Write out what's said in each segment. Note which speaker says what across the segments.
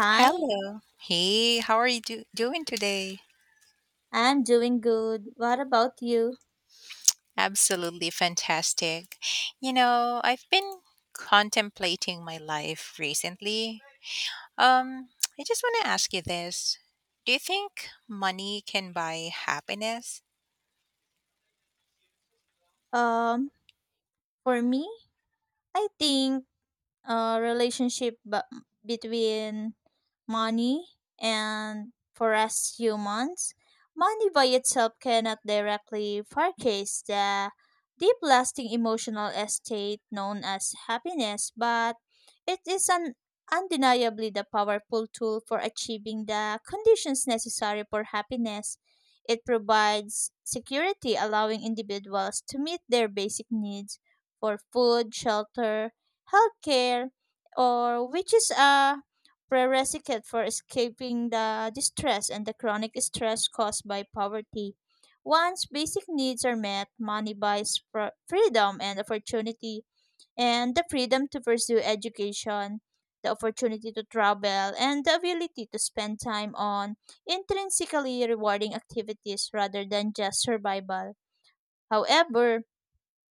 Speaker 1: Hi,
Speaker 2: Hello. Hey, how are you do doing today?
Speaker 1: I'm doing good. What about you?
Speaker 2: Absolutely fantastic. You know, I've been contemplating my life recently. Um, I just want to ask you this. Do you think money can buy happiness?
Speaker 1: Um, for me, I think relationship between money and for us humans. Money by itself cannot directly purchase the deep lasting emotional estate known as happiness, but it is an undeniably the powerful tool for achieving the conditions necessary for happiness. It provides security, allowing individuals to meet their basic needs for food, shelter, healthcare, or which is a prerequisite for escaping the distress and the chronic stress caused by poverty. Once basic needs are met, money buys freedom and opportunity, and the freedom to pursue education, the opportunity to travel, and the ability to spend time on intrinsically rewarding activities rather than just survival. However,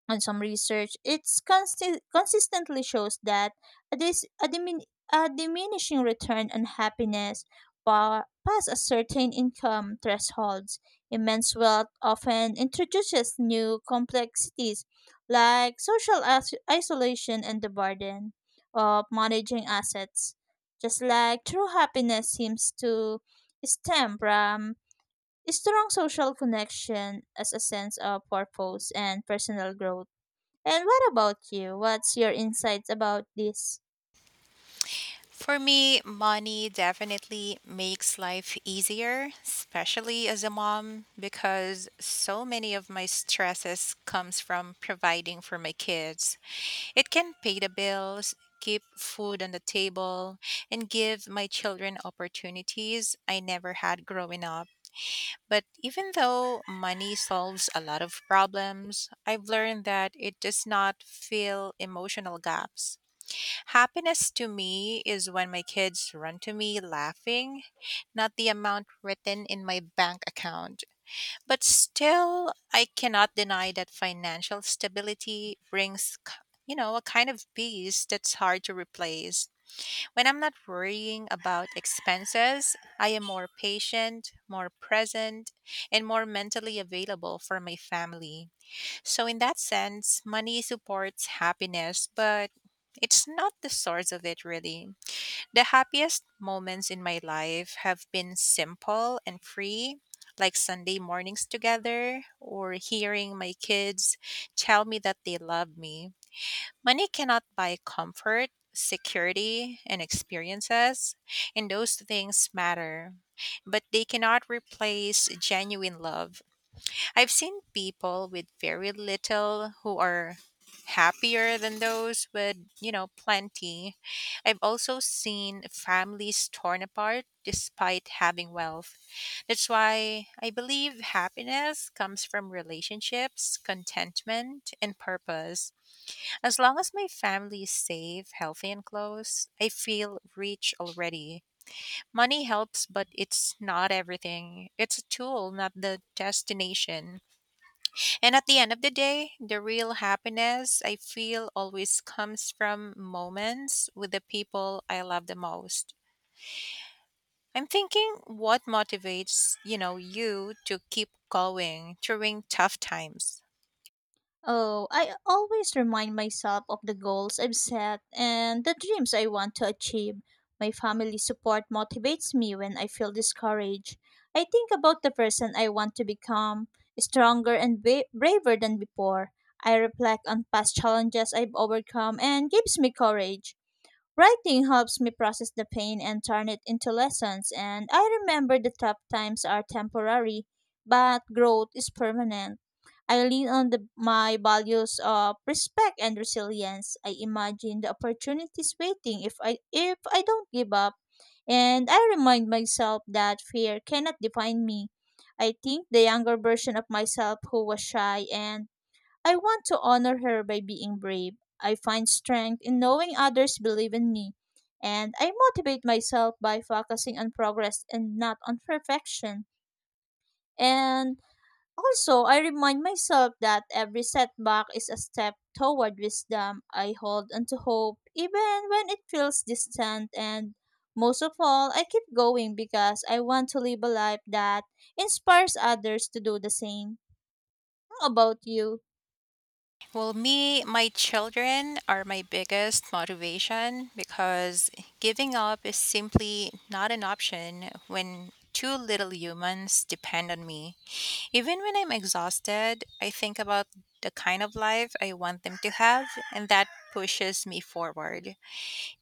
Speaker 1: on some research, it's consistently shows that a, dis- a, dimin- a diminishing return on happiness past a certain income thresholds. Immense wealth often introduces new complexities like social isolation and the burden of managing assets. Just like true happiness seems to stem from strong social connection as a sense of purpose and personal growth and what about you? What's your insights about this?
Speaker 2: For me, money definitely makes life easier, especially as a mom, because so many of my stresses comes from providing for my kids. It can pay the bills, keep food on the table, and give my children opportunities I never had growing up. But even though money solves a lot of problems, I've learned that it does not fill emotional gaps. Happiness to me is when my kids run to me laughing, not the amount written in my bank account. But still, I cannot deny that financial stability brings, you know, a kind of peace that's hard to replace. When I'm not worrying about expenses, I am more patient, more present, and more mentally available for my family. So, in that sense, money supports happiness, but it's not the source of it really. The happiest moments in my life have been simple and free, like Sunday mornings together or hearing my kids tell me that they love me. Money cannot buy comfort, security, and experiences, and those things matter, but they cannot replace genuine love. I've seen people with very little who are happier than those with, you know, plenty. I've also seen families torn apart despite having wealth. That's why I believe happiness comes from relationships, contentment, and purpose. As long as my family is safe, healthy, and close, I feel rich already. Money helps, but it's not everything. It's a tool, not the destination. And at the end of the day, the real happiness I feel always comes from moments with the people I love the most. I'm thinking what motivates, you know, you to keep going during tough times.
Speaker 1: Oh, I always remind myself of the goals I've set and the dreams I want to achieve. My family support motivates me when I feel discouraged. I think about the person I want to become, stronger and braver than before. I reflect on past challenges I've overcome and gives me courage. Writing helps me process the pain and turn it into lessons, and I remember the tough times are temporary, but growth is permanent. I lean on the, my values of respect and resilience. I imagine the opportunities waiting if I don't give up, and I remind myself that fear cannot define me. I think the younger version of myself who was shy and I want to honor her by being brave. I find strength in knowing others believe in me, and I motivate myself by focusing on progress and not on perfection. And also, I remind myself that every setback is a step toward wisdom. I hold onto hope even when it feels distant, and most of all, I keep going because I want to live a life that inspires others to do the same. How about you?
Speaker 2: Well, me, my children are my biggest motivation because giving up is simply not an option when two little humans depend on me. Even when I'm exhausted, I think about the kind of life I want them to have, and that pushes me forward.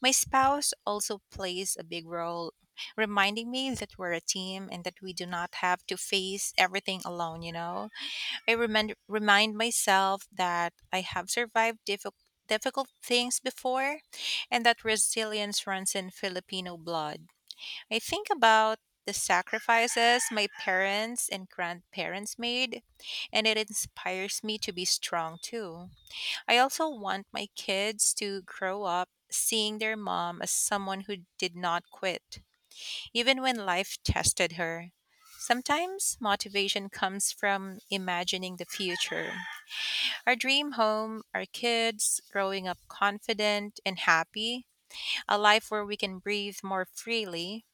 Speaker 2: My spouse also plays a big role, reminding me that we're a team and that we do not have to face everything alone, you know? I remind myself that I have survived difficult things before and that resilience runs in Filipino blood. I think about the sacrifices my parents and grandparents made and it inspires me to be strong too. I also want my kids to grow up seeing their mom as someone who did not quit even when life tested her. Sometimes motivation comes from imagining the future our dream home, our kids, growing up confident and happy, a life where we can breathe more freely.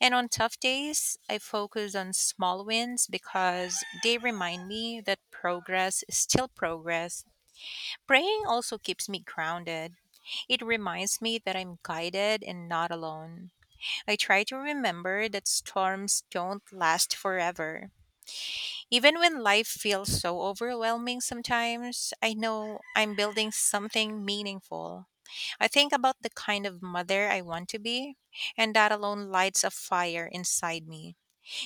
Speaker 2: And on tough days, I focus on small wins because they remind me that progress is still progress. Praying also keeps me grounded. It reminds me that I'm guided and not alone. I try to remember that storms don't last forever. Even when life feels so overwhelming sometimes, I know I'm building something meaningful. I think about the kind of mother I want to be, and that alone lights a fire inside me.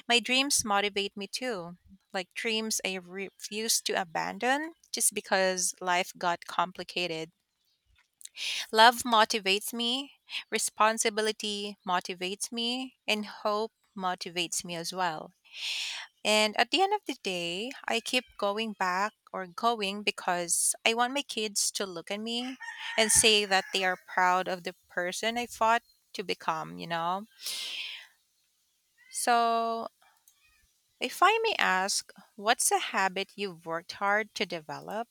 Speaker 2: My dreams motivate me too, like dreams I refuse to abandon just because life got complicated. Love motivates me, responsibility motivates me, and hope motivates me as well. And at the end of the day, I keep going back or going because I want my kids to look at me and say that they are proud of the person I fought to become, you know? So, if I may ask, what's a habit you've worked hard to develop?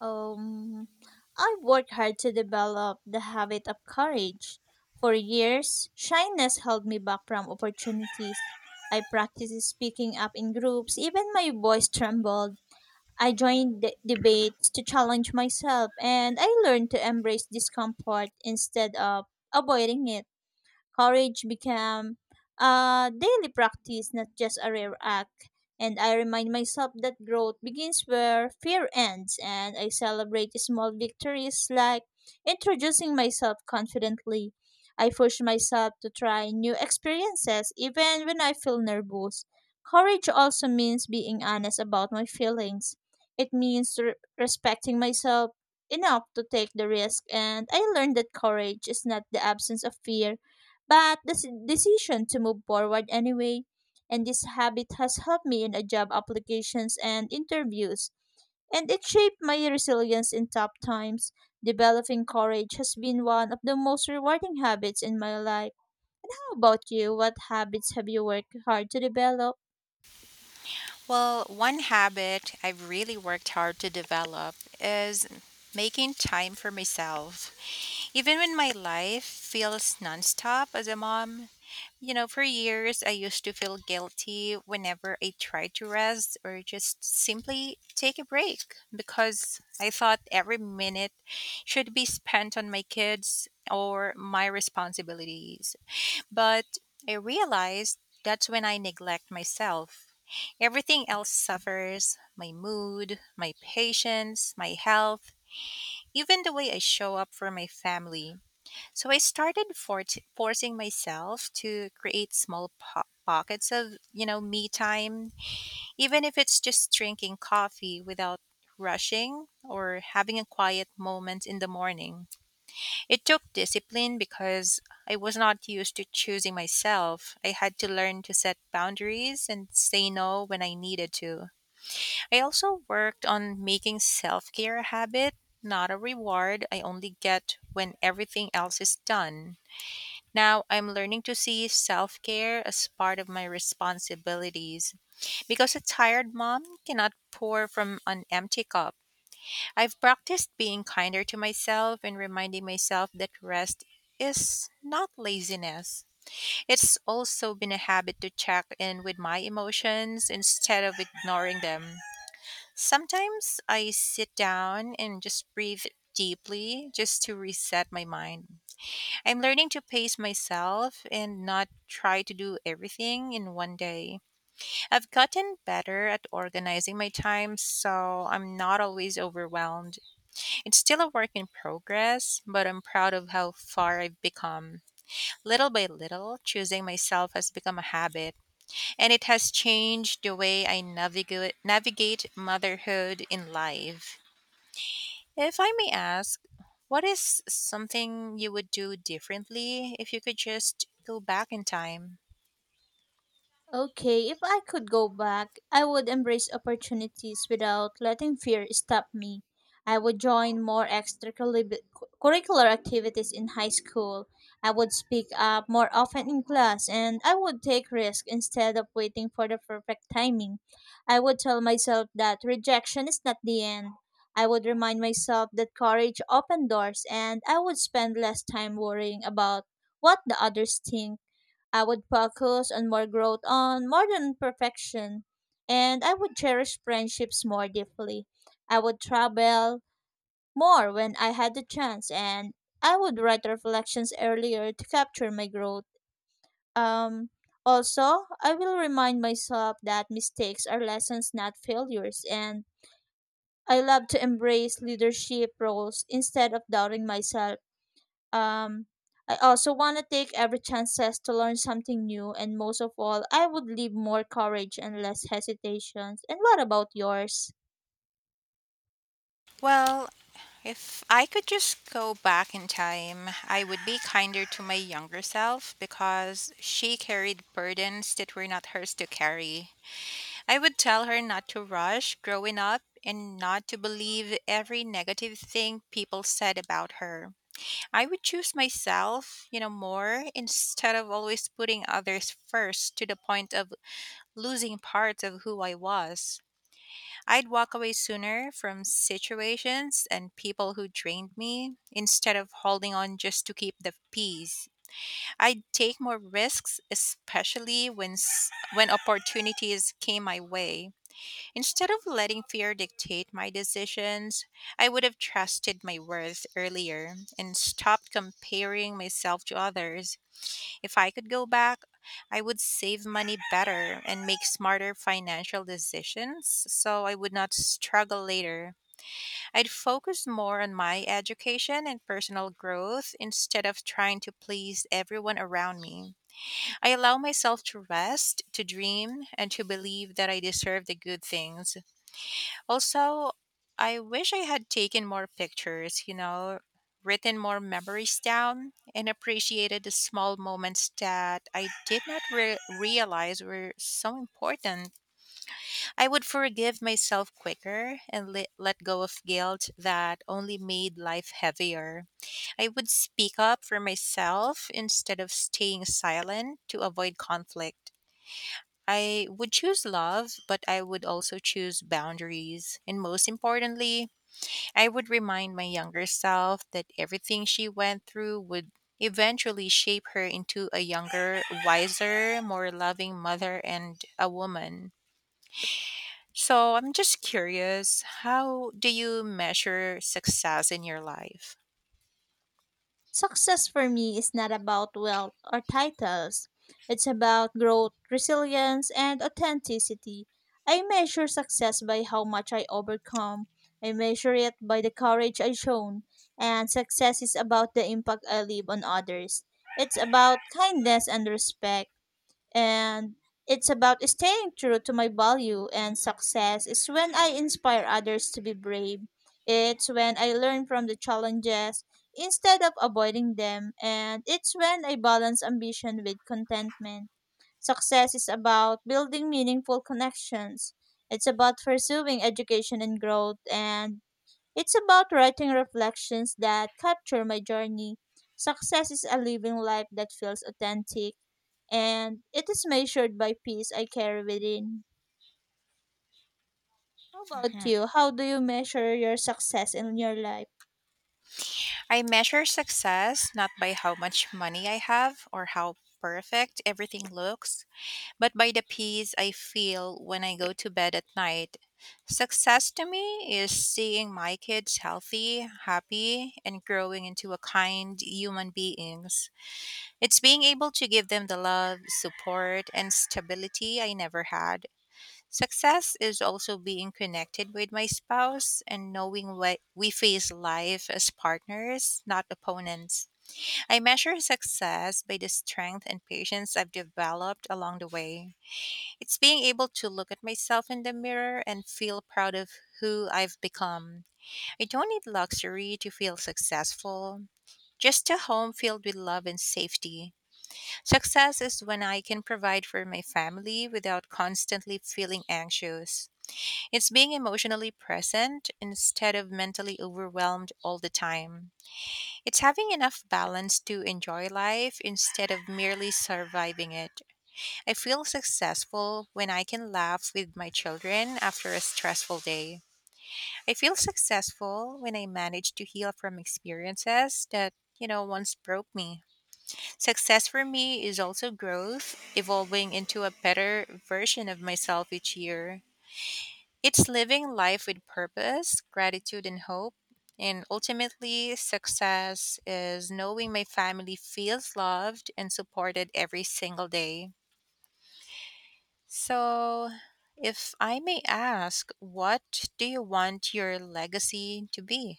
Speaker 1: Um, I worked hard to develop the habit of courage. For years, shyness held me back from opportunities. I practiced speaking up in groups, even my voice trembled. I joined debates to challenge myself, and I learned to embrace discomfort instead of avoiding it. Courage became a daily practice, not just a rare act. And I remind myself that growth begins where fear ends, and I celebrate small victories like introducing myself confidently. I push myself to try new experiences even when I feel nervous. Courage also means being honest about my feelings. It means respecting myself enough to take the risk, and I learned that courage is not the absence of fear, but the decision to move forward anyway. And this habit has helped me in a job applications and interviews, and it shaped my resilience in tough times. Developing courage has been one of the most rewarding habits in my life. How about you? What habits have you worked hard to develop?
Speaker 2: Well, one habit I've really worked hard to develop is making time for myself. Even when my life feels nonstop as a mom, you know, for years I used to feel guilty whenever I tried to rest or just simply take a break because I thought every minute should be spent on my kids or my responsibilities. But I realized that's when I neglect myself. Everything else suffers my mood, my patience, my health, even the way I show up for my family. So I started forcing myself to create small pockets of, you know, me time, even if it's just drinking coffee without rushing or having a quiet moment in the morning. It took discipline because I was not used to choosing myself. I had to learn to set boundaries and say no when I needed to. I also worked on making self care a habit, not a reward I only get when everything else is done. Now I'm learning to see self care as part of my responsibilities because a tired mom cannot pour from an empty cup. I've practiced being kinder to myself and reminding myself that rest is not laziness. It's also been a habit to check in with my emotions instead of ignoring them. Sometimes I sit down and just breathe deeply just to reset my mind. I'm learning to pace myself and not try to do everything in one day. I've gotten better at organizing my time so I'm not always overwhelmed. It's still a work in progress, but I'm proud of how far I've become. Little by little, choosing myself has become a habit, and it has changed the way I navigate motherhood in life. If I may ask, what is something you would do differently if you could just go back in time?
Speaker 1: Okay, if I could go back, I would embrace opportunities without letting fear stop me. I would join more extracurricular activities in high school. I would speak up more often in class and I would take risks instead of waiting for the perfect timing. I would tell myself that rejection is not the end. I would remind myself that courage opens doors and I would spend less time worrying about what the others think. I would focus on more growth on more than perfection. And I would cherish friendships more deeply. I would travel more when I had the chance and I would write reflections earlier to capture my growth. Um Also, I will remind myself that mistakes are lessons, not failures, and I love to embrace leadership roles instead of doubting myself. Um, I also want to take every chances to learn something new, and most of all, I would leave more courage and less hesitations. And what about yours?
Speaker 2: Well, if I could just go back in time, I would be kinder to my younger self because she carried burdens that were not hers to carry. I would tell her not to rush growing up and not to believe every negative thing people said about her. I would choose myself, you know, more instead of always putting others first to the point of losing parts of who I was. I'd walk away sooner from situations and people who drained me instead of holding on just to keep the peace. I'd take more risks, especially when opportunities came my way. Instead of letting fear dictate my decisions, I would have trusted my worth earlier and stopped comparing myself to others. If I could go back, I would save money better and make smarter financial decisions so I would not struggle later. I'd focus more on my education and personal growth instead of trying to please everyone around me. I allow myself to rest, to dream, and to believe that I deserve the good things. Also, I wish I had taken more pictures, you know, written more memories down, and appreciated the small moments that I did not realize were so important. I would forgive myself quicker and let go of guilt that only made life heavier. I would speak up for myself instead of staying silent to avoid conflict. I would choose love, but I would also choose boundaries. And most importantly, I would remind my younger self that everything she went through would eventually shape her into a younger, wiser, more loving mother and a woman. So I'm just curious, how do you measure success in your life?
Speaker 1: Success for me is not about wealth or titles. It's about growth, resilience, and authenticity. I measure success by how much I overcome. I measure it by the courage I shown. And success is about the impact I leave on others. It's about kindness and respect. And it's about staying true to my value and success is when I inspire others to be brave. It's when I learn from the challenges instead of avoiding them, and it's when I balance ambition with contentment. Success is about building meaningful connections. It's about pursuing education and growth and it's about writing reflections that capture my journey. Success is a living life that feels authentic, and it is measured by peace I carry within. How about
Speaker 2: Mhm.
Speaker 1: you? How do you measure your success in your life?
Speaker 2: I measure success not by how much money I have or how perfect everything looks, but by the peace I feel when I go to bed at night. Success to me is seeing my kids healthy, happy, and growing into a kind human beings. It's being able to give them the love, support, and stability I never had. Success is also being connected with my spouse and knowing what we face life as partners, not opponents. I measure success by the strength and patience I've developed along the way. It's being able to look at myself in the mirror and feel proud of who I've become. I don't need luxury to feel successful, just a home filled with love and safety. Success is when I can provide for my family without constantly feeling anxious. It's being emotionally present instead of mentally overwhelmed all the time. It's having enough balance to enjoy life instead of merely surviving it. I feel successful when I can laugh with my children after a stressful day. I feel successful when I manage to heal from experiences that, you know, once broke me. Success for me is also growth, evolving into a better version of myself each year. It's living life with purpose, gratitude, and hope. And ultimately, success is knowing my family feels loved and supported every single day. So, if I may ask, what do you want your legacy to be?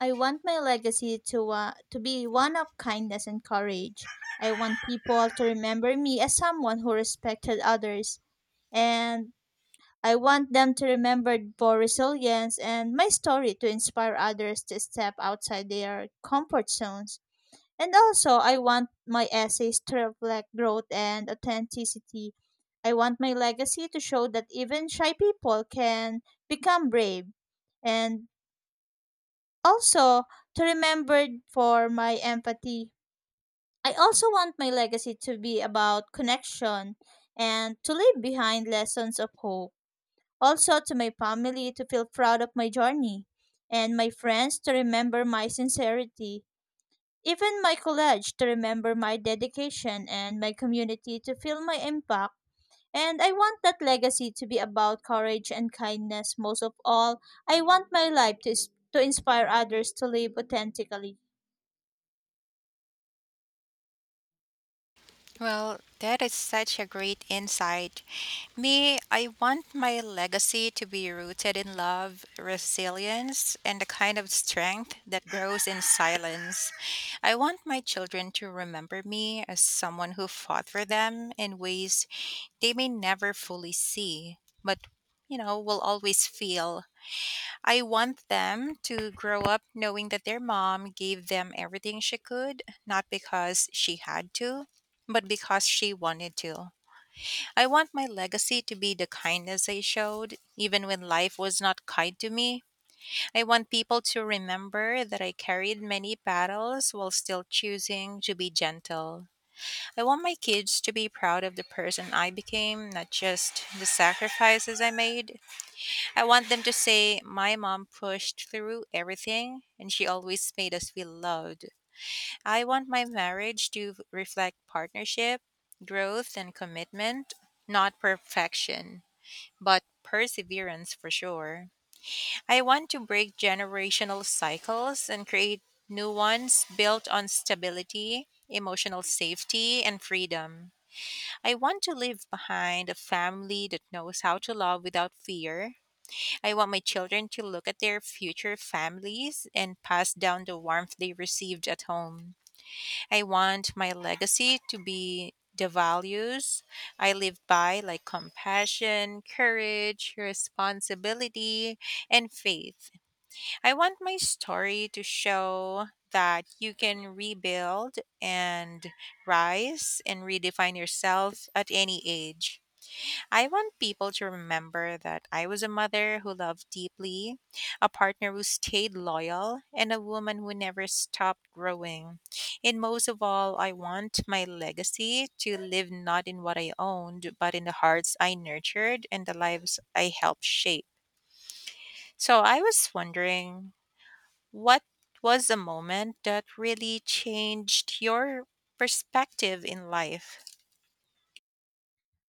Speaker 1: I want my legacy to be one of kindness and courage. I want people to remember me as someone who respected others and I want them to remember for resilience and my story to inspire others to step outside their comfort zones. And also, I want my essays to reflect growth and authenticity. I want my legacy to show that even shy people can become brave. And also, to remember for my empathy. I also want my legacy to be about connection and to leave behind lessons of hope also to my family to feel proud of my journey, and my friends to remember my sincerity, even my college to remember my dedication, and my community to feel my impact. And I want that legacy to be about courage and kindness. Most of all, I want my life to, to inspire others to live authentically.
Speaker 2: Well, that is such a great insight. Me, I want my legacy to be rooted in love, resilience, and the kind of strength that grows in silence. I want my children to remember me as someone who fought for them in ways they may never fully see, but you know, will always feel. I want them to grow up knowing that their mom gave them everything she could, not because she had to, but because she wanted to. I want my legacy to be the kindness I showed, even when life was not kind to me. I want people to remember that I carried many battles while still choosing to be gentle. I want my kids to be proud of the person I became, not just the sacrifices I made. I want them to say, "My mom pushed through everything and she always made us feel loved." I want my marriage to reflect partnership, growth, and commitment, not perfection, but perseverance for sure. I want to break generational cycles and create new ones built on stability, emotional safety, and freedom. I want to leave behind a family that knows how to love without fear. I want my children to look at their future families and pass down the warmth they received at home. I want my legacy to be the values I live by, like compassion, courage, responsibility, and faith. I want my story to show that you can rebuild and rise and redefine yourself at any age. I want people to remember that I was a mother who loved deeply, a partner who stayed loyal, and a woman who never stopped growing. And most of all, I want my legacy to live not in what I owned, but in the hearts I nurtured and the lives I helped shape. So I was wondering, what was the moment that really changed your perspective in life?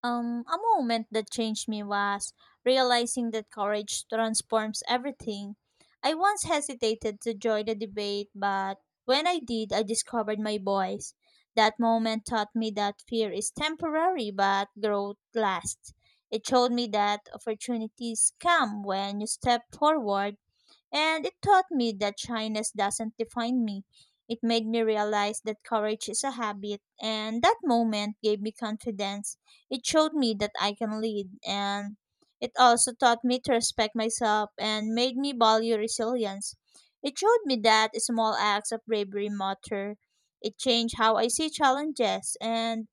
Speaker 1: A moment that changed me was realizing that courage transforms everything. I once hesitated to join the debate, but when I did, I discovered my voice. That moment taught me that fear is temporary, but growth lasts. It showed me that opportunities come when you step forward and it taught me that shyness doesn't define me. It made me realize that courage is a habit, and that moment gave me confidence. It showed me that I can lead, and it also taught me to respect myself and made me value resilience. It showed me that small acts of bravery matter. It changed how I see challenges, and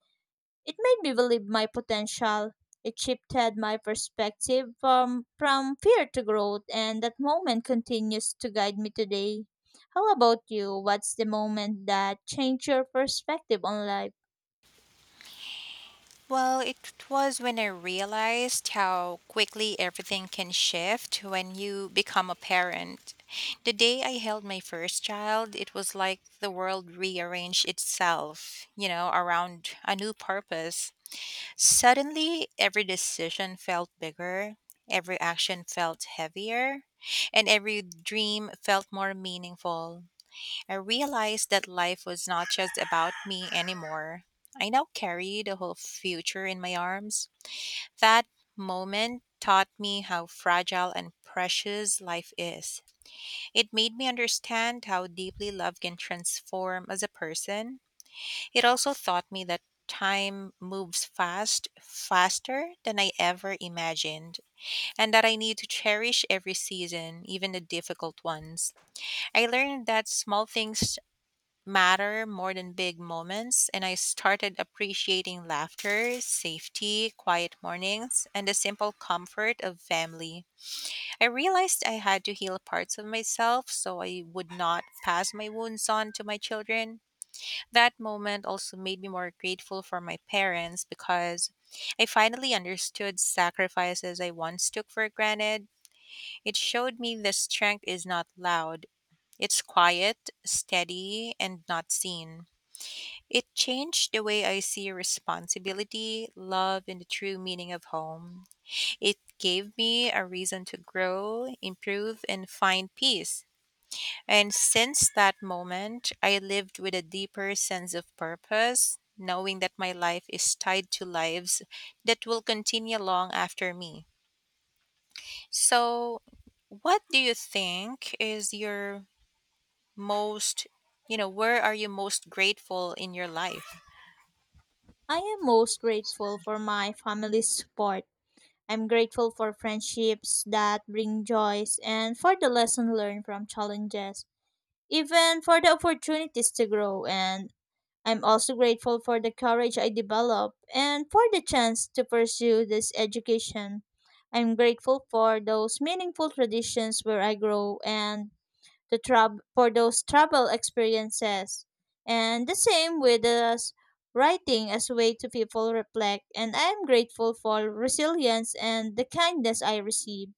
Speaker 1: it made me believe my potential. It shifted my perspective from fear to growth, and that moment continues to guide me today. How about you? What's the moment that changed your perspective on life?
Speaker 2: Well, it was when I realized how quickly everything can shift when you become a parent. The day I held my first child, it was like the world rearranged itself, you know, around a new purpose. Suddenly, every decision felt bigger, every action felt heavier, and every dream felt more meaningful. I realized that life was not just about me anymore. I now carry the whole future in my arms. That moment taught me how fragile and precious life is. It made me understand how deeply love can transform as a person. It also taught me that time moves fast, faster than I ever imagined, and that I need to cherish every season, even the difficult ones. I learned that small things matter more than big moments, and I started appreciating laughter, safety, quiet mornings, and the simple comfort of family. I realized I had to heal parts of myself so I would not pass my wounds on to my children. That moment also made me more grateful for my parents because I finally understood sacrifices I once took for granted. It showed me that strength is not loud. It's quiet, steady, and not seen. It changed the way I see responsibility, love, and the true meaning of home. It gave me a reason to grow, improve, and find peace. And since that moment, I lived with a deeper sense of purpose, knowing that my life is tied to lives that will continue long after me. So, what do you think is your most, you know, where are you most grateful in your life?
Speaker 1: I am most grateful for my family's support. I'm grateful for friendships that bring joys and for the lesson learned from challenges, even for the opportunities to grow. And I'm also grateful for the courage I developed and for the chance to pursue this education. I'm grateful for those meaningful traditions where I grow and the for those travel experiences. And the same with us writing as a way to people reflect and I'm grateful for resilience and the kindness I receive.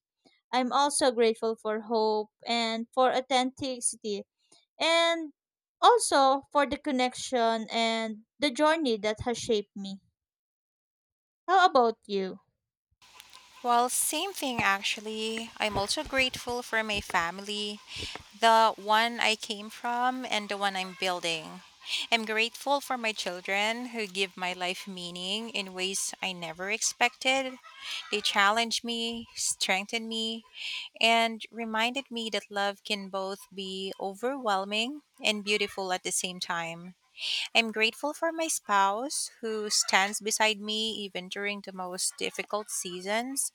Speaker 1: I'm also grateful for hope and for authenticity and also for the connection and the journey that has shaped me. How about you?
Speaker 2: Well, same thing actually. I'm also grateful for my family, the one I came from and the one I'm building. I'm grateful for my children who give my life meaning in ways I never expected. They challenged me, strengthened me, and reminded me that love can both be overwhelming and beautiful at the same time. I'm grateful for my spouse who stands beside me even during the most difficult seasons.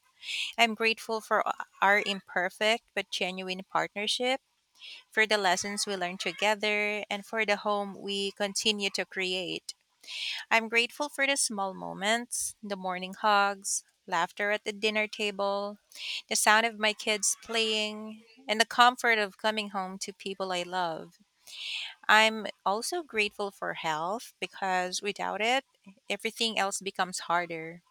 Speaker 2: I'm grateful for our imperfect but genuine partnership, for the lessons we learned together, and for the home we continue to create. I'm grateful for the small moments, the morning hugs, laughter at the dinner table, the sound of my kids playing, and the comfort of coming home to people I love. I'm also grateful for health because without it, everything else becomes harder.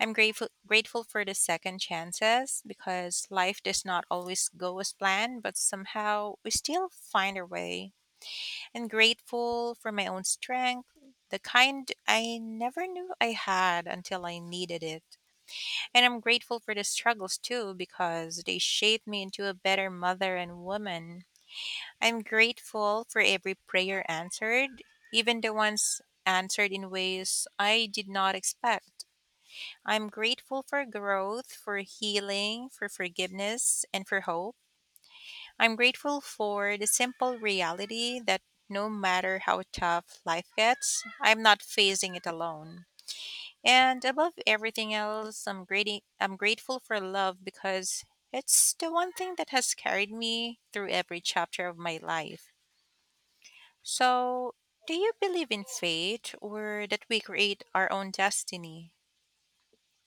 Speaker 2: I'm grateful for the second chances because life does not always go as planned, but somehow we still find our way. And grateful for my own strength, the kind I never knew I had until I needed it. And I'm grateful for the struggles too because they shaped me into a better mother and woman. I'm grateful for every prayer answered, even the ones answered in ways I did not expect. I'm grateful for growth, for healing, for forgiveness, and for hope. I'm grateful for the simple reality that no matter how tough life gets, I'm not facing it alone. And above everything else, I'm grateful for love because it's the one thing that has carried me through every chapter of my life. So, do you believe in fate or that we create our own destiny?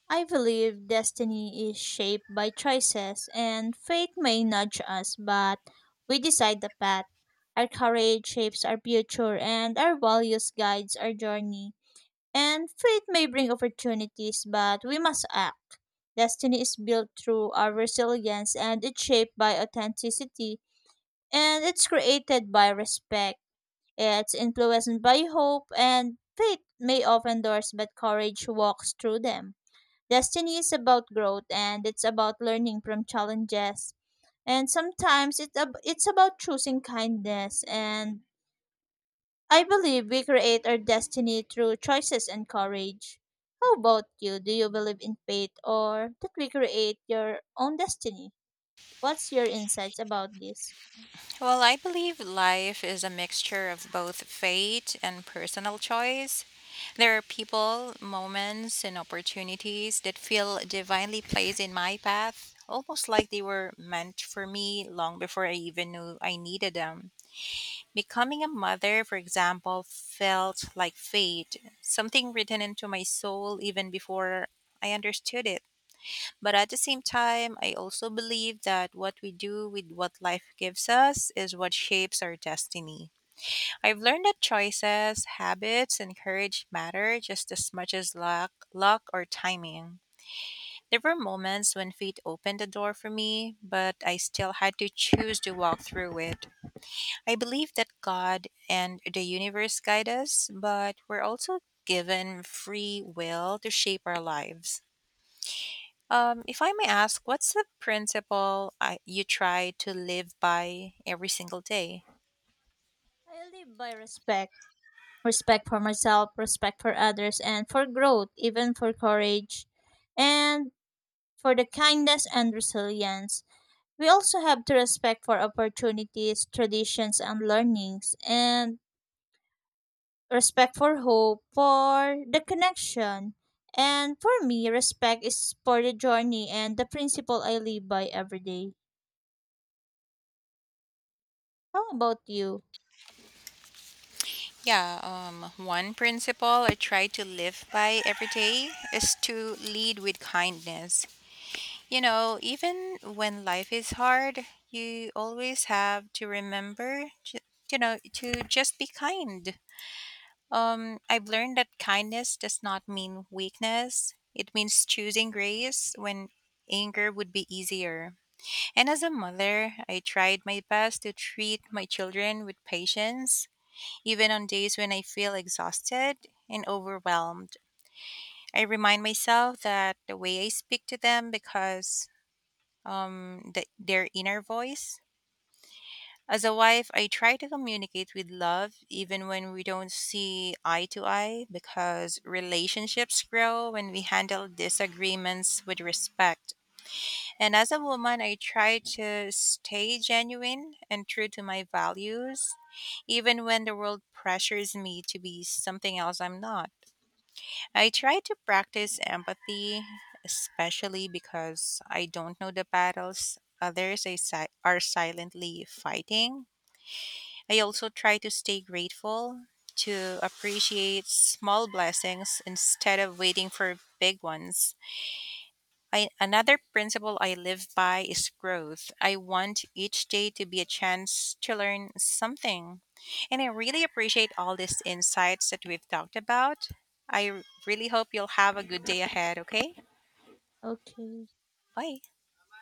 Speaker 1: I believe destiny is shaped by choices, and fate may nudge us, but we decide the path. Our courage shapes our future, and our values guides our journey. And fate may bring opportunities, but we must act. Destiny is built through our resilience, and it's shaped by authenticity, and it's created by respect. Yeah, it's influenced by hope and fate may open doors, but courage walks through them. Destiny is about growth and it's about learning from challenges. And sometimes it's about choosing kindness. And I believe we create our destiny through choices and courage. How about you? Do you believe in fate or that we create your own destiny? What's your insights about this?
Speaker 2: Well, I believe life is a mixture of both fate and personal choice. There are people, moments, and opportunities that feel divinely placed in my path, almost like they were meant for me long before I even knew I needed them. Becoming a mother, for example, felt like fate, something written into my soul even before I understood it. But at the same time, I also believe that what we do with what life gives us is what shapes our destiny. I've learned that choices, habits, and courage matter just as much as luck or timing. There were moments when fate opened the door for me, but I still had to choose to walk through it. I believe that God and the universe guide us, but we're also given free will to shape our lives. If I may ask, what's the principle you try to live by every single day?
Speaker 1: I live by respect, for myself, respect for others, and for growth, even for courage, and for the kindness and resilience. We also have to respect for opportunities, traditions, and learnings, and respect for hope, for the connection. And for me, respect is for the journey and the principle I live by every day. How about you?
Speaker 2: Yeah, one principle I try to live by every day is to lead with kindness. You know, even when life is hard, you always have to remember, you know, to just be kind. I've learned that kindness does not mean weakness. It means choosing grace when anger would be easier. And as a mother, I tried my best to treat my children with patience, even on days when I feel exhausted and overwhelmed. I remind myself that the way I speak to them because their inner voice. As a wife, I try to communicate with love even when we don't see eye to eye because relationships grow when we handle disagreements with respect. And as a woman, I try to stay genuine and true to my values, even when the world pressures me to be something else I'm not. I try to practice empathy, especially because I don't know the battles are silently fighting. I also try to stay grateful, to appreciate small blessings instead of waiting for big ones. I, another principle I live by is growth. I want each day to be a chance to learn something. And I really appreciate all these insights that we've talked about. I really hope you'll have a good day ahead, okay?
Speaker 1: Okay.
Speaker 2: Bye.